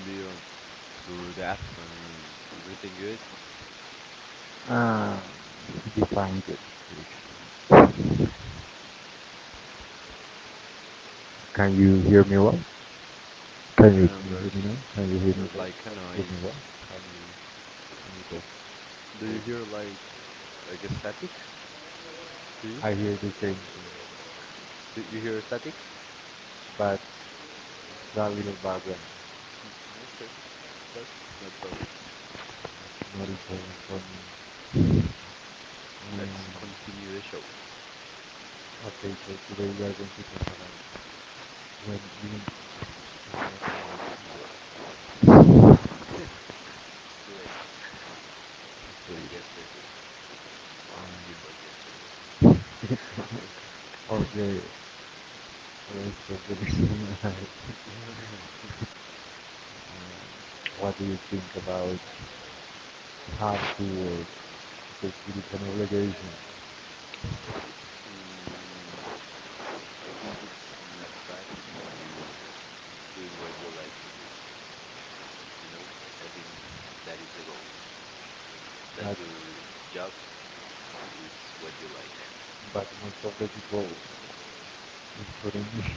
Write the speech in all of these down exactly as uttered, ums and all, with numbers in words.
Hello, Leo. Good afternoon. Everything good? Uh, Define good, please. Can you hear me well? Can you can you hear And me now? there's Can you hear me better? there's Can like you a hear me well? noise. Can you can you go over? Do you hear like like a static? I Do you? hear the same thing, Do you hear static? but it's a little background. Okay, but no problem. It's not important for me. Mm. Let's continue the show Okay, so today we are going to talk about when you do not want to work. today and yesterday and before yesterday. Okay. Um, or the rest of the rest of my life. um, what do you think about have to work? Because it is an obligation. Mm, I think it's not bad when you do what you like to do. You know, I think that is the goal to But that your job is what you like. but most of the people including me.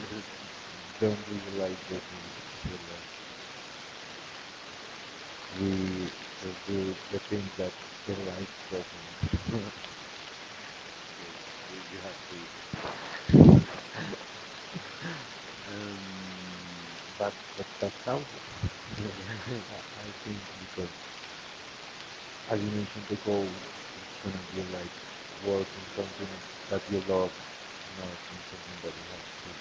Don't really like the filler. We do the things that the right doesn't. Okay, you you have to eat. um, but, but that's how it is. I yeah. I think because as you mentioned the goal is gonna be like working something that you love, not in something that you have to.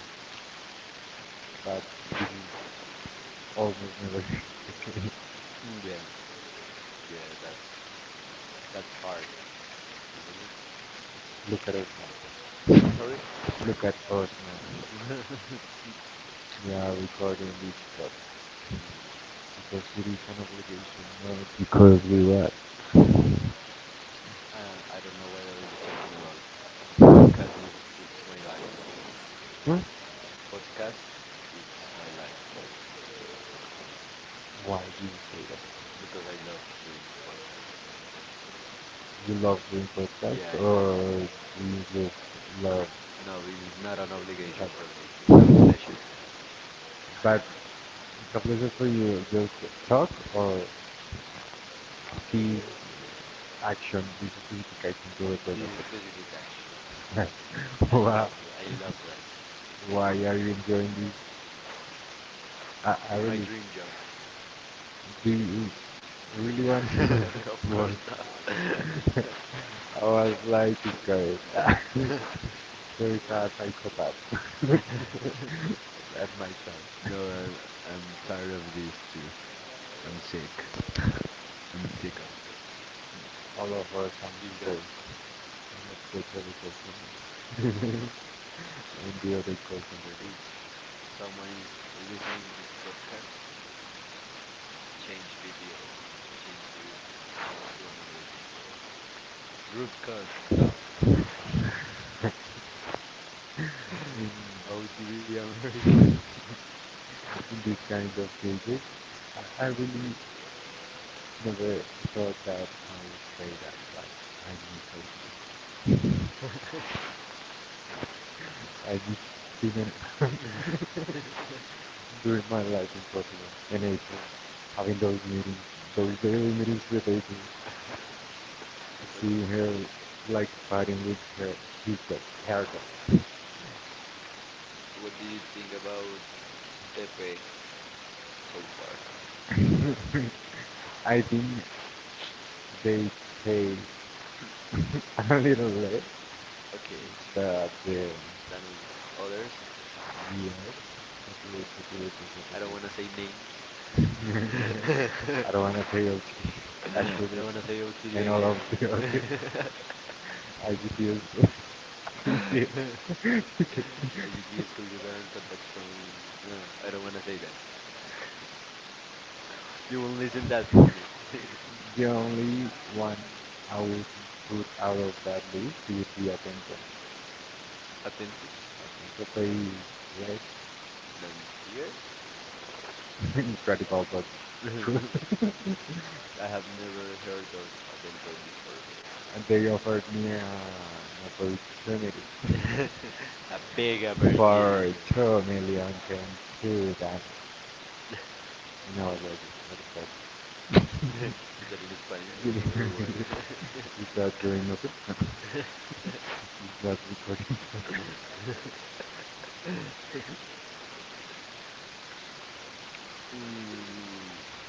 But we almost never Mm, yeah, yeah. That's that's hard, isn't it? look at us now. Sorry. Look at us now. mm, Yeah, we are recording this podcast because it is an obligation, not because we love. uh, I don't know what are you talking about. Podcast, is, it's my life. Huh? Podcast, it's my life Why do you say that? because I love doing podcast. Do you love doing podcasts Yeah, I or love it. do you just love No, no, it is not an talk? obligation for me. It's a pleasure. But it's a pleasure for you just talk, or the action is a justification to record like This specific action. joke. Why, I love that. I love that. why are you enjoying this? I, I really, It's my dream job. do you really want to Of work? course not. I was like scared. There is a psychopath at my side. no, I'm, I'm tired of this too. I'm sick. I'm sick of this. All of us, I'm supposed. Disgusting. I'm a terrible person. And the other person. If someone is listening this podcast, change B P O. Change the B P O. Change to another B P O. Group code stop. In in O T D America. this kind of cases, I, I really never thought that I would say that. Like, I need help. I just didn't during my life in Portugal in April, having those meetings, those daily meetings with April, seeing her what, like fighting with her his dog, her dog. what do you think about Tepe so far? I think they pay a little less Okay, than the then on others. years. I don't wanna say names. I don't want to say, okay, actually, I don't wanna say and all O T D again. of the others. I just feel so sincere. U T Scotiabank contact point. No, I don't wanna say that. You won't listen that for me. The only one I would put out of that list would be Atento. Atento. Atento plays less, Than here. incredible but I true. have never heard of Atento before. And they offered me a, an opportunity A big for opportunity. two million to that. No, it was not a fault. Is that in Spanish or you what? you start doing nothing. That recording program. Mm,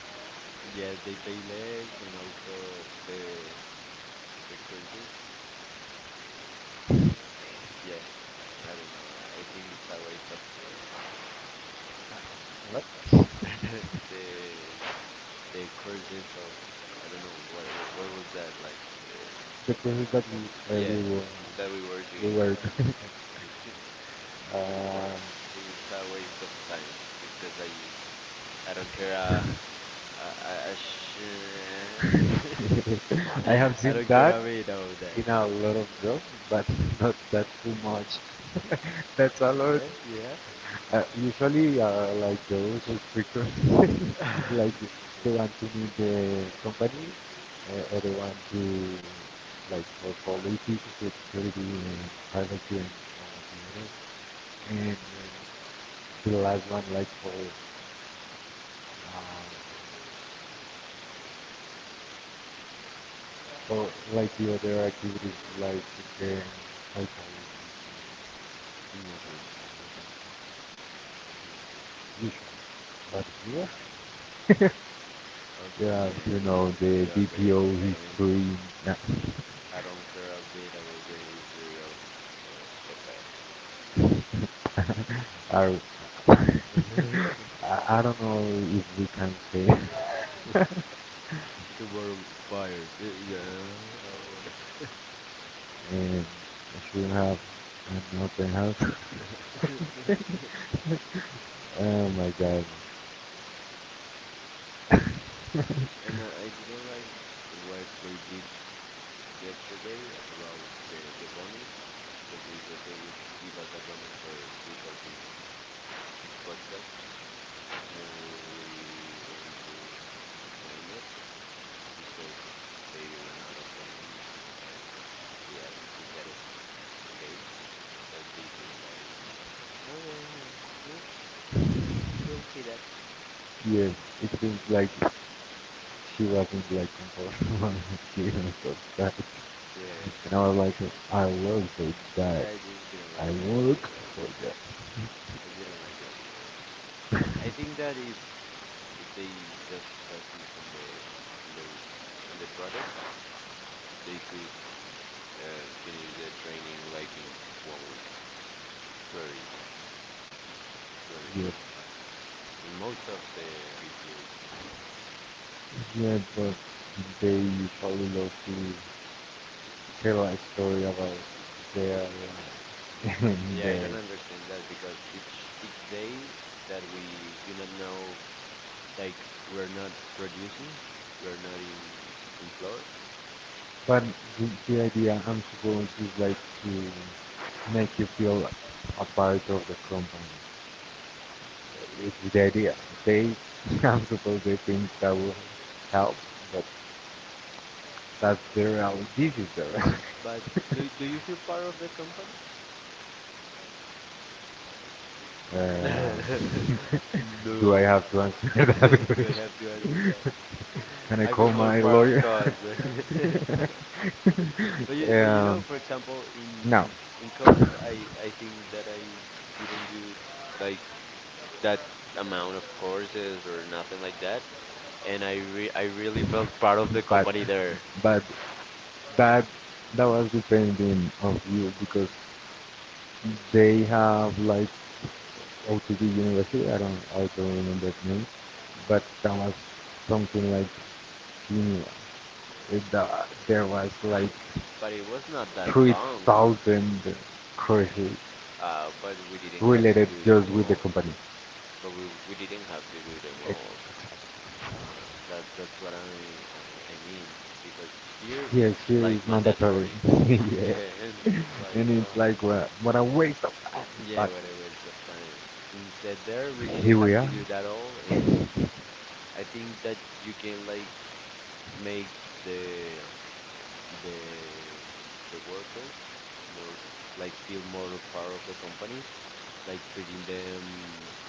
yeah, they pay less, and also the the cruises. The yeah, I don't know. I think it's a waste of time. What? The the courses of I don't know what what was that like the The process that we, uh, yeah, we were, w- that we were we doing were doing. d- before. I think it's a waste of time because I I don't care uh, I I I, sh- Um, I have seen I don't that care a bit about in that. a lot of jobs, but not that too much. That's a lot. Yeah, you have. Uh, usually, uh, like those is because like they Okay. want to meet the company, uh, or they want to, like, for politics, security, and Okay. privacy, and all together. And um, the last one, like for um, for like the other activities, like the psychology, and all of that. Mm, okay. Okay. Okay. Usually. But here, Are yeah, so you know many the and they are B P O very history. extensive. I don't care a bit about the history of of Tepe. Are I, I don't know if we can say. Tomorrow fired. Eh, yeah. And and should have an open house. Oh my god. And I, I didn't like what they did yesterday about the the bonus because they said they would give us a bonus for recording this podcast. And when we went to to claim it, they said they ran out of them, and we asked to get it today, but they said like, oh yeah, yeah, yeah, we'll, we'll see that. Yes, it seems like she wasn't like comfortable when she even subscribed. Yeah, And I was like, I work for that. yeah, I didn't I like that work either. for that. I didn't like that either. I think that if if they just focus on the on their on the product, they could uh, finish their training like in one week, very easy, very Yes, easy. In most of the B P Os, you know. yeah, but they usually love to tell a story about their life and Yeah, their. I don't understand that because each each day that we do not know, like we're not producing, we're not in in floor. But the, the idea, I'm supposed, is like to make you feel a part of the company. This is the idea. They, I'm supposed they think that will help, but that's the reality. This is the But do do you feel part of the company? reality. um, do I No. have to answer that Do question? I have to answer that? Can I I call feel my more lawyer? part of cause, but you, but um, you know, for example, no. in in in cause, I I think that I didn't do like that amount of courses or nothing like that, and I re I really felt part of the but company there. but that that was depending on you because they have like O T B University. I don't I don't remember the name, but that was something like similar. It, that there was like But it was not three that long. thousand courses Uh, but we didn't related have to do just with them the company. all. But we we didn't have to do them Ex- all. Uh, that that's what I I, I mean because here Yes, here it's is like mandatory. mandatory. Yeah, Yeah, and it's and like, it's uh, like what what a waste of time. But yeah, what a waste of time. Instead, there we here didn't we are. have to do that all, and I think that you can like make the the um, the workers more like feel more part of the company, like treating them.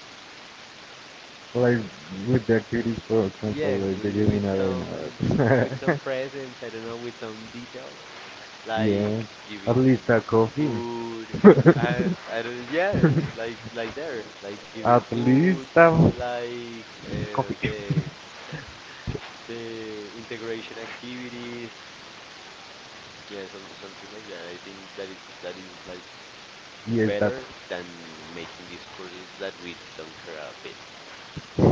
Like, with the activities, for example Yeah, like the with gaming with some with arena. some presents, I don't know, with some details, Yeah, like at least a giving coffee. food. I I don't yeah, like like there, like At giving least food, a like coffee. uh, the the integration activities. Yeah, some, something like that. I think that it that is like Yes, that's better than making these courses that we don't care a bit.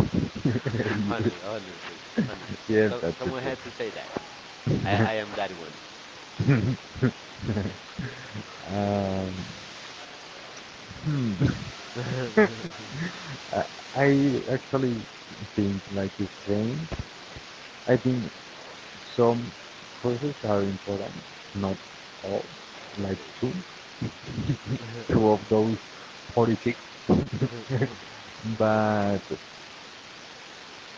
yes, Honest, honestly, honestly. yes, So that's it. someone had to say that. I, I am that one. um hmm. I, I actually think, like, it's strange. I think some courses are important, not all. Like, two, Okay. two of Okay. those forty-six. But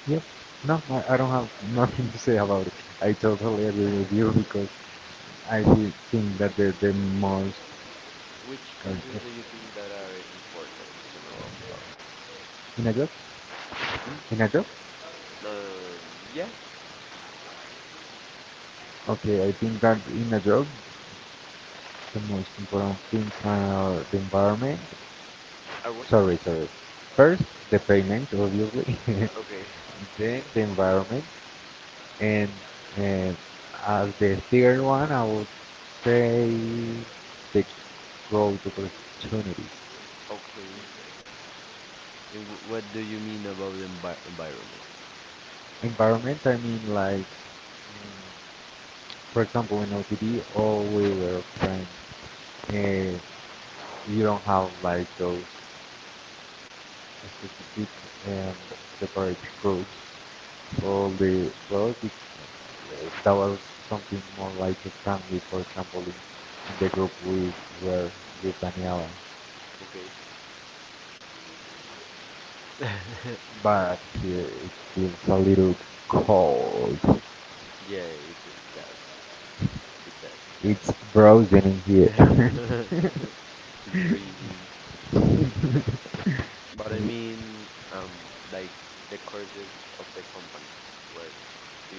yeah, no, I, I don't have nothing to say about it. I totally agree with you because I think that the the most um, Which uh, courses do you think that are important to know about? in a job, Hmm? in a job. Um, yeah, Okay, I think that in a job the most important things are the environment. I was. Sorry, sorry. First, the payment, obviously, Okay. then the environment, and uh, as the third one, I would say the growth opportunities. Okay. And w- what do you mean about envi- environment? Environment, I mean, like, mm, for example, in O T D, all we were friends, uh, you don't have like those. Specific and separate routes for the product, that was something more like a family. For example, in, in the group we were with Daniela. Okay. Yeah, But here it feels a little cold. it, it does. It does, it It's frozen in does. here. It's freezing. But I mean, um, like the courses of the company. What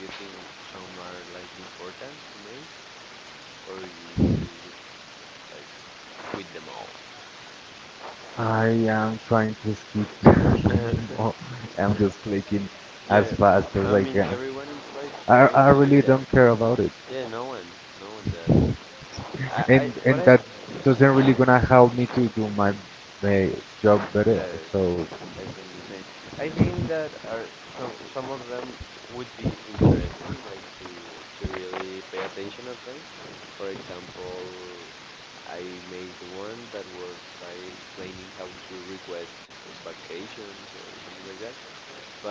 do you think some are like important to make, or you you would like quit them all? I am trying to skip Nemo. I'm just clicking as Yeah, fast as I I can. mean everyone is like I, I trying to really do don't that. care about it. Yeah, no one, no one does. And I, I, and but that I, doesn't really gonna help me to do my, my job better. yes, So I think the same. I think that are some some of them would be interesting, like to to really pay attention of them. For example, I made one that was like explaining how to request vacations or something like that,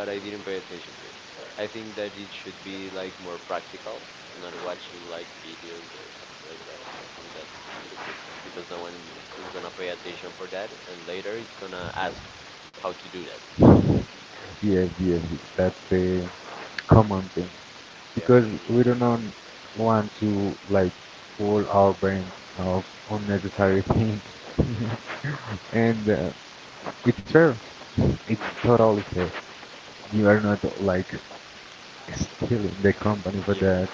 but I didn't pay attention to it. I think that it should be like more practical, not watching like videos or something like that. I think that's stupid because no one is gonna pay attention for that, and later it's gonna ask how to do that. yes, yes, that's the common thing, because Yeah, we we do should not practice that. want to, like, full our brain of unnecessary things, Alright. and uh, it's fair. It's totally fair. You are not like stealing the company for Yeah, that.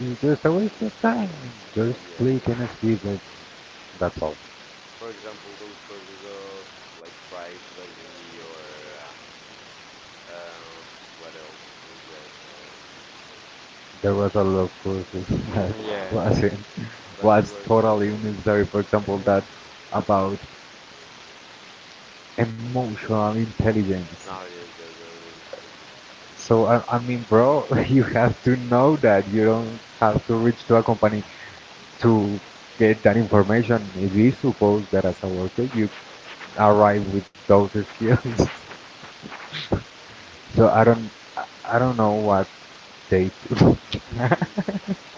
It's just a waste of time. Just yeah, I click and think skip so. it. That's all. For example, those courses of like privacy or uh, uh, what else was that? There was a lot of courses Um, that mm, yeah, wasn't but was there were totally some unnecessary, for example that of. about emotional intelligence. No, yeah, that, that was stupid. So I, I mean, bro, you have to know that you don't have to reach to a company to get that information. It is supposed that as a worker you arrive with those skills. So I don't I I don't know what they do. Mhm.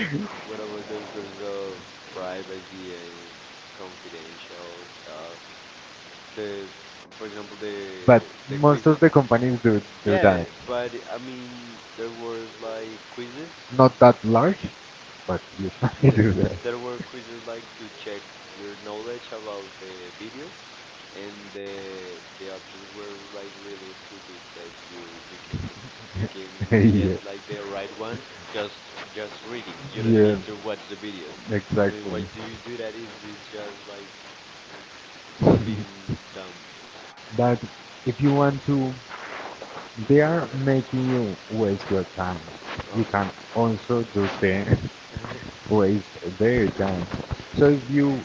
What about, what about those courses of privacy and confidential stuff? The for example the But like the most of the quizzes, companies do do that. yeah, but I mean there were like quizzes Not that large, but usually do the, that. but there were quizzes like to check your knowledge about the videos and the the options were like really stupid that you you can you can Yeah, get like the right one just just reading. You yeah, don't need to watch the videos. I exactly. mean why do you do that if it's just like not being dumb? But if you want to— they are It's making you waste your time. You can obvious. also do the waste their time. So if you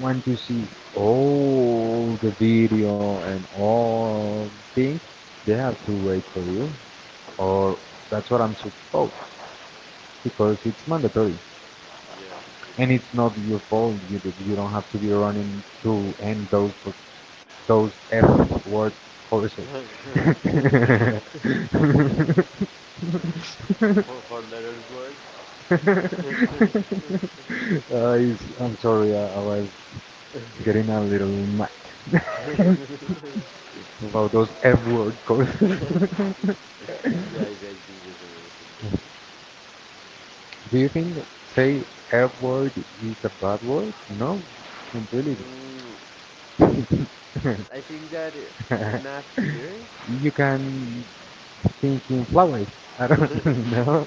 want to see all the video and all things, they have to wait for you, or that's what I'm supposed, because it's mandatory Yeah, and it's it is. not your fault. You d- you don't have to be running to end those those F word courses. for for letters word. Uh, Yeah, it's- I'm sorry, I, I was getting a little mad about those F word courses. I, I think the same. I think the same. Do you think say F word is a bad word? No, really. Mm, I think that uh, not here. You can think in flowers. I don't know.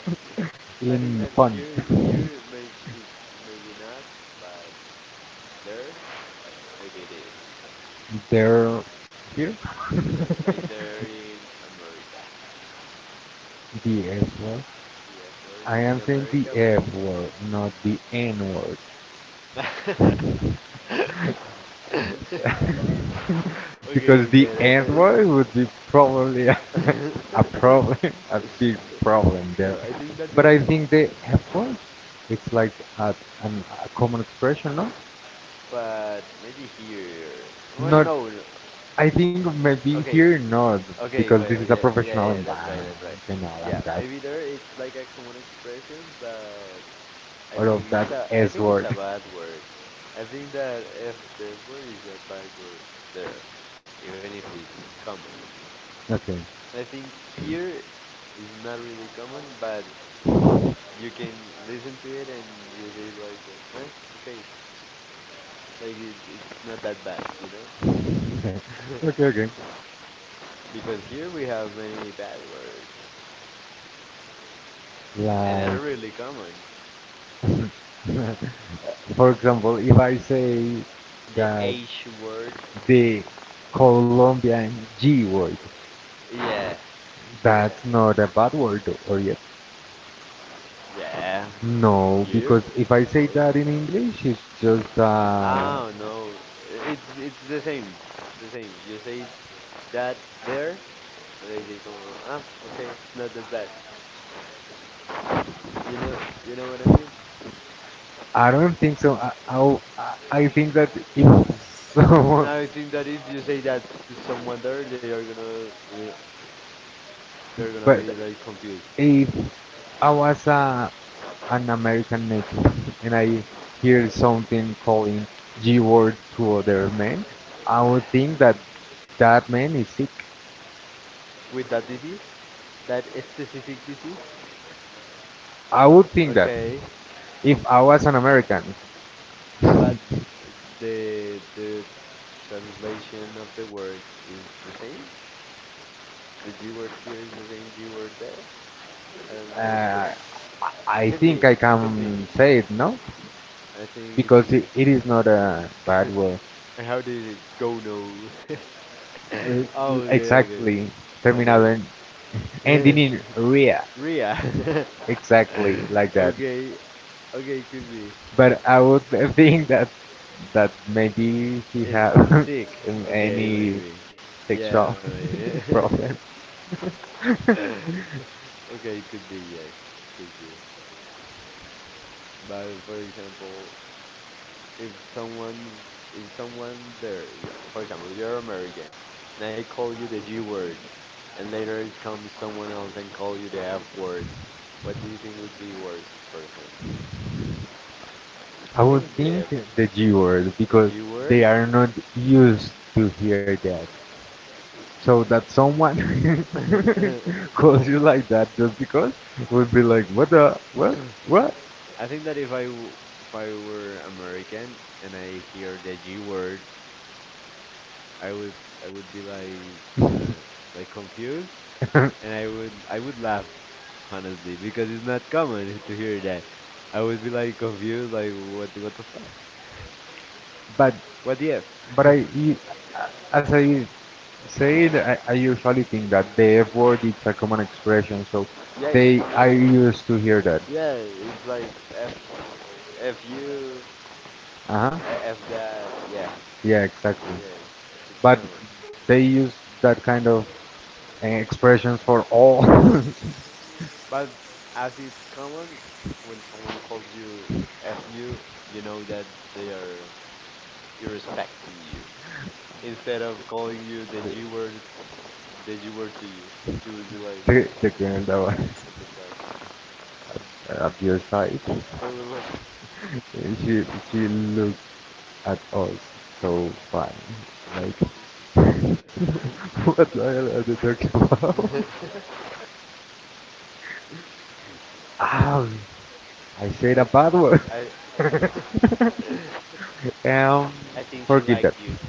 I In think that fun. here, here maybe it's maybe not, but there maybe it is. They're here. Like there in America, The F word. the F I word am in saying the America F would be. word, not the N word. Because Okay, the I get it. N-word would be probably a, a problem, a big problem there. No, I think But that I the. think the F-word, it's like a, an, a common expression, no? But maybe here. Not, Well, no. No. I think maybe Okay. here not, Okay, because this well, is a yeah, yeah, professional yeah, yeah, that's right, environment that's right. and all of Yeah, that, maybe there it's like a common expression, but all I of think that it's a I think S-word. it's a bad word. I think that if the word is a bad word there, even if it's common. Okay, I think here is not really common, but you can listen to it and you say like, "Oh, eh, okay, like it, it's not that bad, you know?" okay, okay. Because here we have many bad words and Like. are really common. For example, if I say The that H word. the Colombian G word, Yeah, yeah, that's not a bad word, or yet. yeah. No, because Here, if I say word. that in English, it's just, uh, Oh no, it's it's the same. It's the same. You say that there, and they just go, ah, okay, it's not that bad. You know, you know what I mean? I don't think so. I, I I think that if someone, And I think that if you say that to someone there, they are gonna uh, they're but gonna be like confused if I was a, an American native and I hear something calling G-word to other men, I would think that that man is sick. with that disease, that specific disease. I would Uh, think that okay, if I was an American. uh, but the the translation of the word is the same. The G word here is the same G word there. I'm not sure. I- Could think I be, could can be. say it, no? I think it Because it, could be. it is not a bad word. And how did it go no? Uh, Oh, okay, okay, exactly. Terminado en. Ending okay. in ria. Ria. Exactly, like that. Okay, okay, could be. But I would think that that maybe he has It's it's sick. um, Okay, any maybe. sexual Yeah, maybe. problem. Okay, could be, yes, could be. But for example, if someone if someone there for example you're American and I call you the G word and later it comes someone else and call you the F word, what do you think would be worse for him? I I would think think the the G word the because G they word. are not used to hear that. So that someone calls you like that just because, would be like, what the what what? I think that if i w- if I were American and I hear the G word, I would I would be like uh, like confused, and I would I would laugh honestly because it's not common to hear that. I would be like confused, like what the- what the fuck, But what the F? But I, y- as I said, I, I usually think that the F word is a common expression, so Yeah, it's a they I common expression. used to hear that. Yeah, it's like F, F you, Uh huh. uh, F that. Yeah, Yeah, exactly. yeah, it's, But it's common. they use that kind of uh, expressions for all the But as it's common, when someone calls you F you, you know that they are irrespecting you. Instead of calling you the G word, the G word to you, you would be like, the, the girl that was. what the fuck? Uh, up your side. Wait, She she looked at us so funny, like, what the hell are they talking about? Ow! I said a wait, bad word. wait. I, I, um, I think she Forgive that. liked you.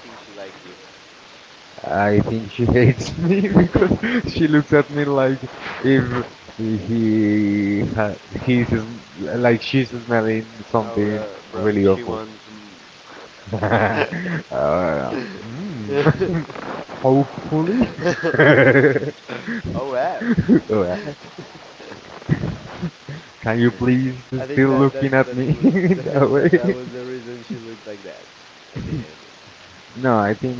I think she liked you. I I think think she she hates hates me me. because she looks at me like if he ha- he's sm- like she's smelling No, something bro, really bro, she awful. wants. Mm, uh, mm. Hopefully. O F. Well, can you please I still think that looking at that me that's what in that, that that that was the reason she looked like that. way? I think I think. No, I think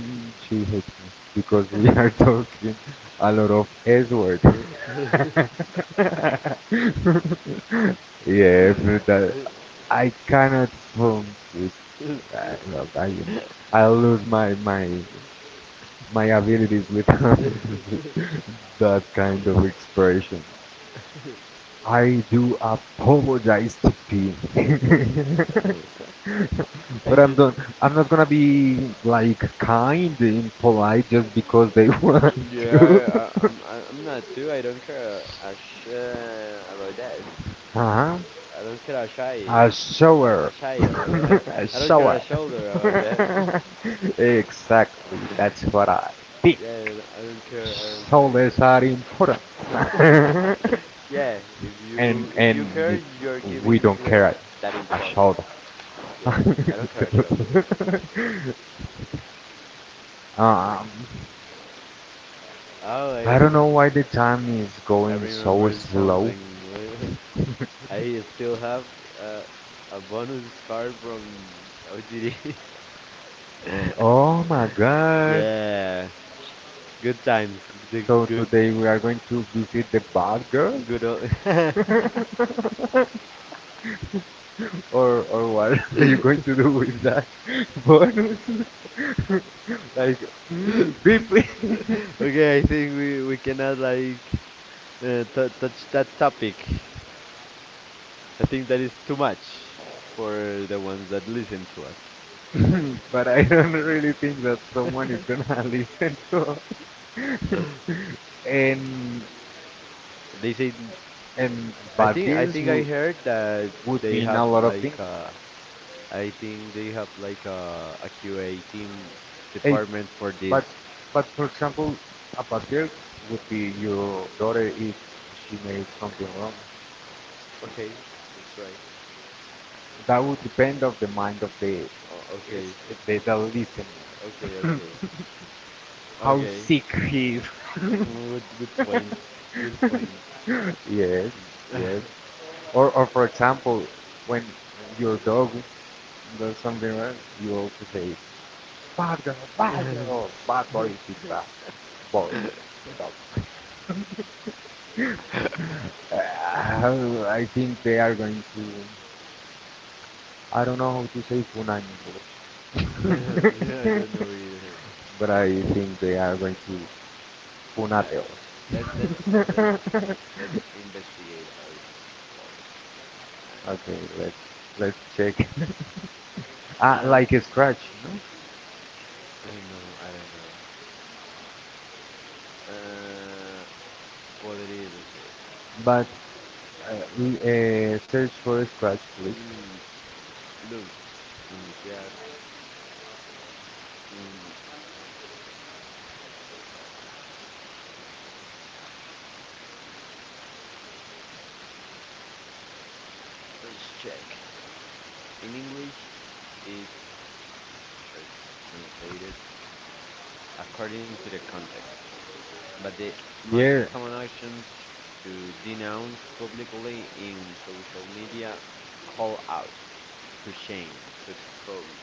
she hates me because we are talking a lot of S word. yeah, but that I cannot form it. I, no, I, I lose my my my abilities with that kind of expression. I do apologize to P. but Hey, I'm just don't I'm not gonna be like kind and polite just because they want yeah, to. I, I, I'm I, I'm not too. I don't care a shit about that. Huh? I don't care a shy, I saw her. a, a shy about that. I I don't saw care a shoulder her. about that. Exactly, that's what I think. Yeah, I don't care. I don't Souls care are important. either. Yeah, if And you if and you care, you're we giving don't them care that importance. about Yeah, I don't care a shoulder. Um, Oh, I, I don't know why I the time is I going so remembered slow. something. I still have uh, a bonus card from O T D. Oh my god. Yeah, good times. The So good today we are going to visit the bad girls? good old. or or what are you going to do with that bonus? like, mm, beep Okay, I think we we cannot like uh, t touch that topic. I think that is too much for the ones that listen to us. but I don't really think that someone is gonna listen to us. and They say, and I bad think I girls think would, I heard that would they mean a have lot of things. like uh, I think they have like uh, a, a Q A team Hey, department for But, this. but for example, a bad girl would be your daughter if she made something wrong. Okay, that's right. That would depend of the mind of the is O- okay, the, the listener. okay, okay, How okay. sick he is. Mm, Good, good point. Good point. Yes, yes. Or, or for example, when your dog does something wrong, you also say, "Bad girl, bad girl, bad Yeah, boy, big bad boy, dog." Uh, I think they are going to. I don't know how to say punani, I in don't English. know either. But I think they are going to Funate I, us. let let's let's let's investigate how it called. I, Okay, let's let's check. Ah, um, like a scratch, no? I don't know. I don't know. Uh, podrirse. But uh, uh, search for a scratch, please. Mm, look, pronunciar. Mm, let's check. In English, it's tra- translated according to the context. But the most Here, common actions: to denounce publicly in social media, to call out, to shame, to expose,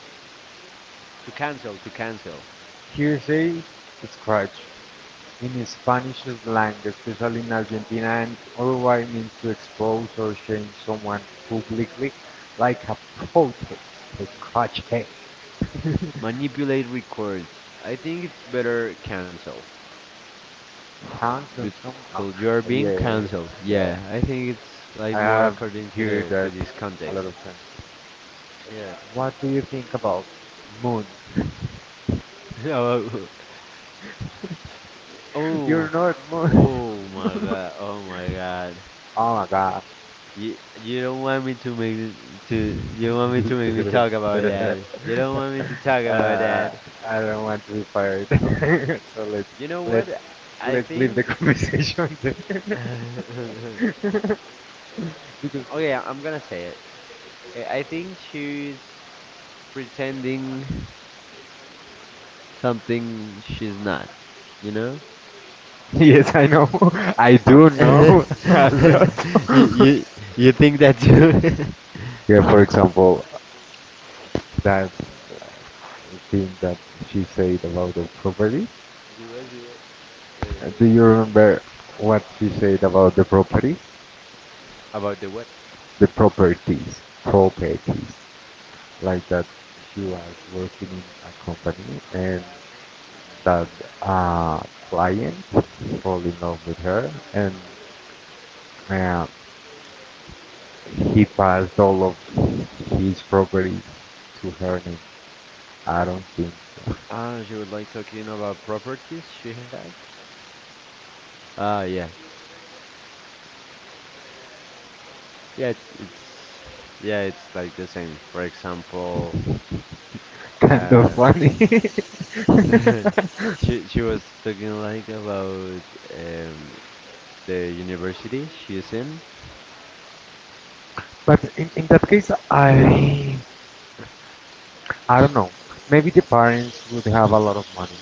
to cancel, to cancel, here says scratch. In Spanish slang, especially in Argentina and Uruguay, means to expose or shame someone publicly, like a protest, a protest. manipulate records. I think it's better cancel Cancel somehow. because you are being Yeah, canceled. yeah. Yeah, I think it's I like more have according to heard the that to this a lot context. of times. Yeah. What do you think about moon? Oh, You're not moon. oh my god, oh my god. Oh my god. You you don't want me to make it- to you don't want me to make me talk about that. You don't want me to talk about uh, that. I don't want to be fired. So You know let's let's what? I let's leave the think. conversation there. Okay, Because I- I'm gonna say it. I I think she's pretending something she's not. You know? yes, I know. I do know a you lot. you you think that you? Yeah, for example, that uh, thing that she said about the property. she was she was. Uh, Uh, Do you remember what she said about the properties? about the what? The properties, properties. Like that she was working in a company and that uh, client fall in love with her and uh, he passed all of his properties to her name. I don't think so. Ah, she would like talking about properties she has. Ah yeah, yeah, it's it's yeah, it's like the same. For example, Kind of uh, funny. she she was talking like about um the university she's in. But in, in that case, I I don't know. Maybe the parents would have a lot of money.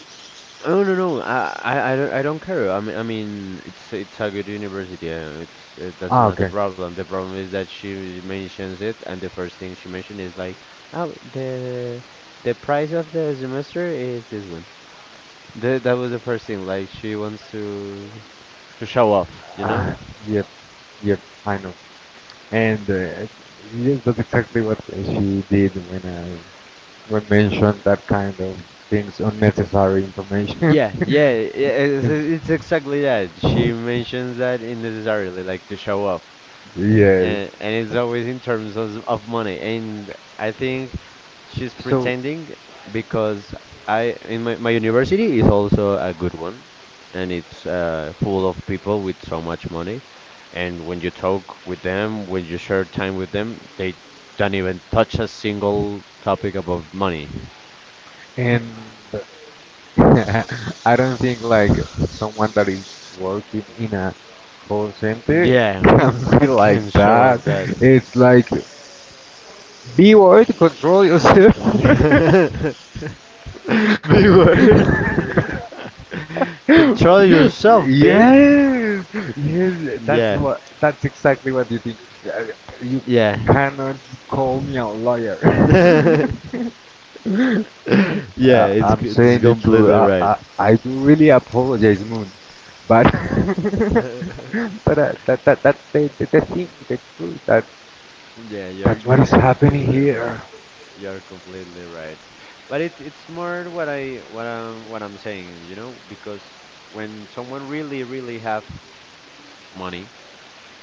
No no no, I I I don't I don't care. I mean I mean it's it's a good university. Uh, it's it, that's Ah, not the okay. problem. The problem is that she mentions it, and the first thing she mentioned is like, oh the the price of the semester is this one. The, that was the first thing. Like she wants to. to show off, you know? Ah, yep, yep, I know. And uh, yes, that's exactly what she did when I when mentioned that kind of things, unnecessary information. Yeah, yeah, i- it's, Yes. it's exactly that. She mentions that unnecessarily, like to show off. Yes. And, and it's always in terms of, of money. And I think she's So, pretending because I in my, my university is also a good one. And it's uh, full of people with so much money. And when you talk with them, when you share time with them, they don't even touch a single topic about money. and I don't think like someone that is working in a call center Yeah, can be like can show that. up that. It's like be worried, control yourself. Big word. Control Yes, yourself, B. yes, that's Yeah, what, that's exactly what you think. Uh, You yeah. cannot call me a liar. Yeah, Uh, it's I'm c- it's saying the truth. completely I, right. I, I do really apologize, Moon, but Yeah, but uh, that, that that's the, the, the thing, the truth. That you're that's what you're is happening completely right. here. You're completely right. But it it's more what I what I'm what I'm saying, you know, because when someone really really have money,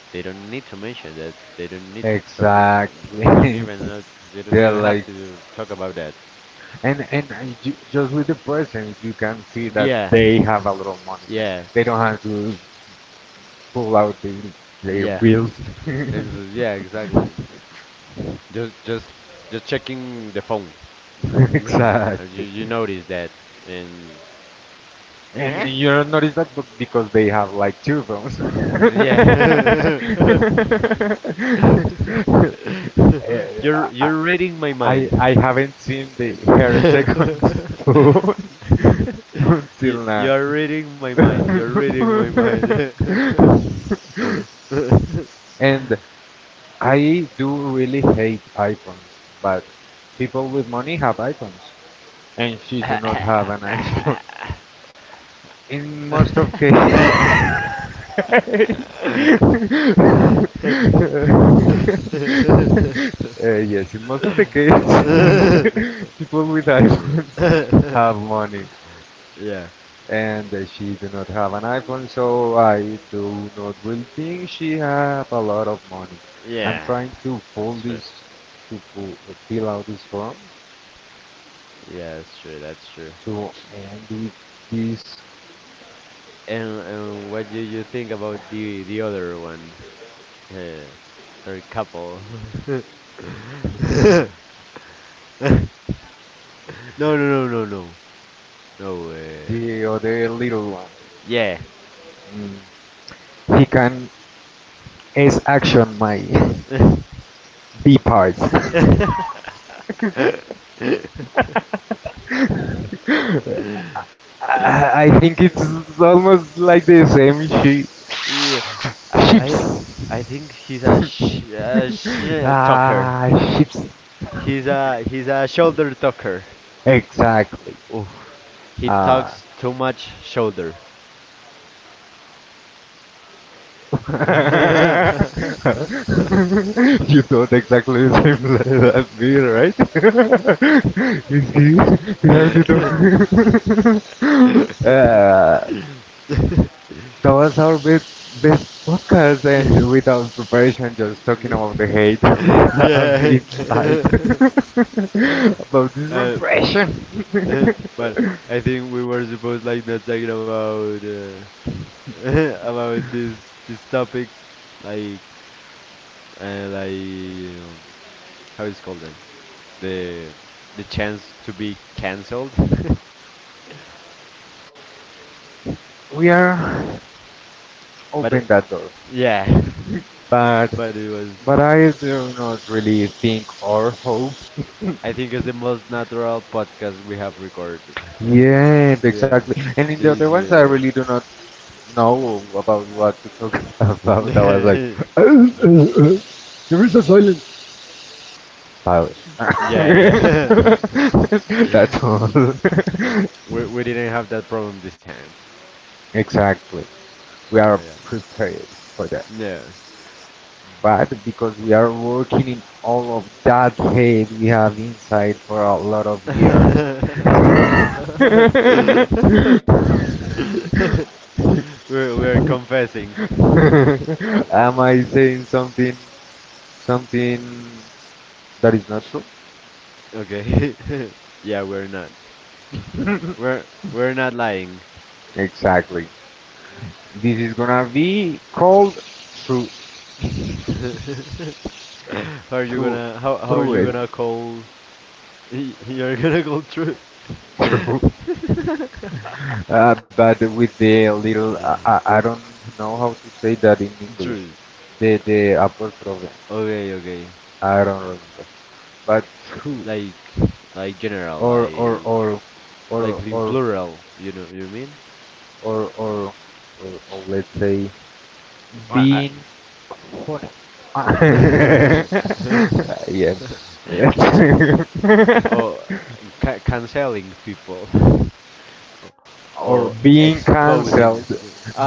they don't need to mention that. They don't need to talk. um, They don't Exactly. even know. They don't They're even have like to talk about that. And and uh, ju- just with the presence, you can see that Yeah, they have a lot of money. yeah, They don't have to pull out the, their yeah. bills. Ex yeah, exactly. Just, just, just checking the phone. Mm, uh, You, exactly. you notice that, and And, eh? and you don't notice that but because they have like two phones. Yeah. You're, Uh, I, you're reading my mind. I I haven't seen the her second phone you, until now. You are reading my mind. You're reading my mind. And I do really hate iPhones, but people with money have iPhones, and she do not have an iPhone. In most of cases. Uh, yes, in most of the cases, people with iPhones have money Yeah. and uh, she do not have an iPhone, so I do not really think she have a lot of money. I'm Yeah. trying to fill That's true. this, to fill out this form Yeah, that's true. That's true. to end with this And and what do you think about the the other one, uh, her couple? No, no, no, no, no, no. Uh, the other little one. yeah. Mm. He can is action my B parts. I, I think it's almost like the same she Yeah, I ships. I I think he's a sh a sh talker. Ah, ships. He's a he's a shoulder talker. Exactly. Oh, he Ah. talks too much shoulder. You thought exactly the same le- as me, right? Is he behind the door? Ah. That was our best best podcasts and without preparation, just talking about the hate we have Yeah. inside. About this Uh, repression. uh, but I think we were supposed like not talking about uh, about this this topics like uh, like um, how it's called then the the chance to be canceled. We are but open it, that door. yeah, But but it was but I do not really think or hope. I think it's the most natural podcast we have recorded. Yeah, Yeah, exactly. And in the other this ones, I year. really do not know about what to talk about. I was like, Yeah, there is a silence. Pilot. yeah. That's all. Um, we we didn't have that problem this time. Exactly. We are Yeah, prepared for that. yeah. But because we are working in all of that hate we have inside for a lot of years. We're we're confessing. Uh, Am uh, I saying something something that is not true? Okay. Yeah, we're not. We're we're not lying. Exactly. This is gonna be called through How are you through gonna how how are through you it gonna call you're gonna call true? through, uh, but with the little I, I, I don't know how to say that in English. True. The the upper problem. Okay, okay. I don't remember. But through Like like general, or or like or like or in or plural, you know you mean? or or, or, or or let's say I, being honest. uh, I yes. Ex oh ca canceling people. or Or being exposing. cancelled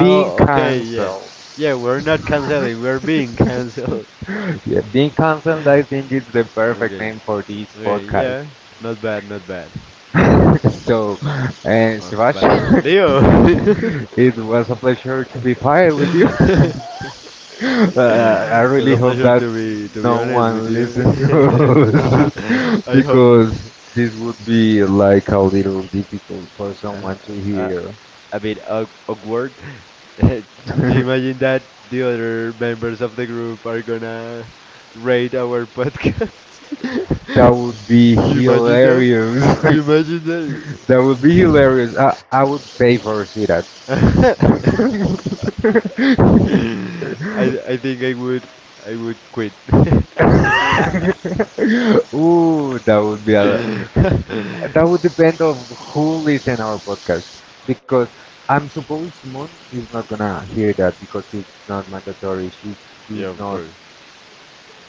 being okay, yeah. cancelled. Yeah, we're not canceling, we're being canceled. Yeah, being cancelled I think is the perfect Okay, name for this okay, podcast. yeah. Not bad, not bad. So and Uh, Shivash, but Leo! it was a pleasure to be here with you. uh, I Was really a hope pleasure that to be to be no honest with one listens to you. us I hope. because this would be like a little difficult for Uh, someone to hear. uh, a bit awk- awkward. Do you imagine that the other members of the group are gonna rate our podcast? That would be You imagine that? hilarious. You imagine that? That would be hilarious. I, I would pay for see that. I I think I would I would quit. Ooh, that would be a, that would depend of who listen our podcast because I'm supposed Moon is not gonna hear that because it's not mandatory. She Yeah, do of not course.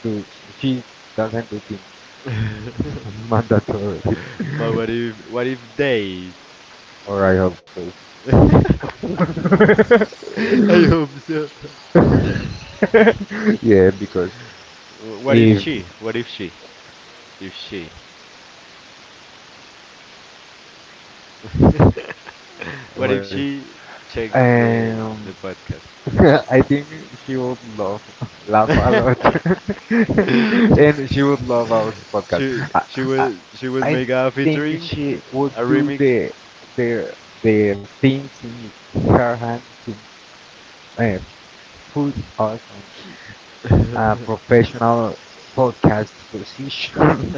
do she doesn't do things mandatory, But what if what if they? or I hope so. I hope so. Yeah, because What if if she? What if she? If she. What what if is she checks the Um, the podcast? I think she would love laugh a lot, and she would love our podcast. She I, she I, would she would I make a think featuring, she would a do remix. the the the things in her hand to uh, put us on a professional podcast position.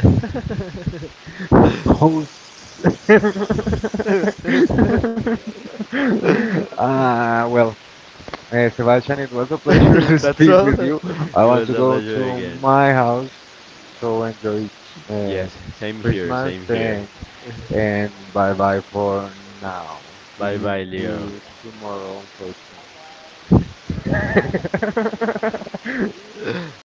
Host. That's uh, well, uh, Sebastian, it was a all. pleasure to speak with you. It I want was to a go to pleasure again. my house, so enjoy uh, Yes, same here, Christmas same and, here. and bye bye for now. See Bye bye, you Leo. tomorrow, unfortunately.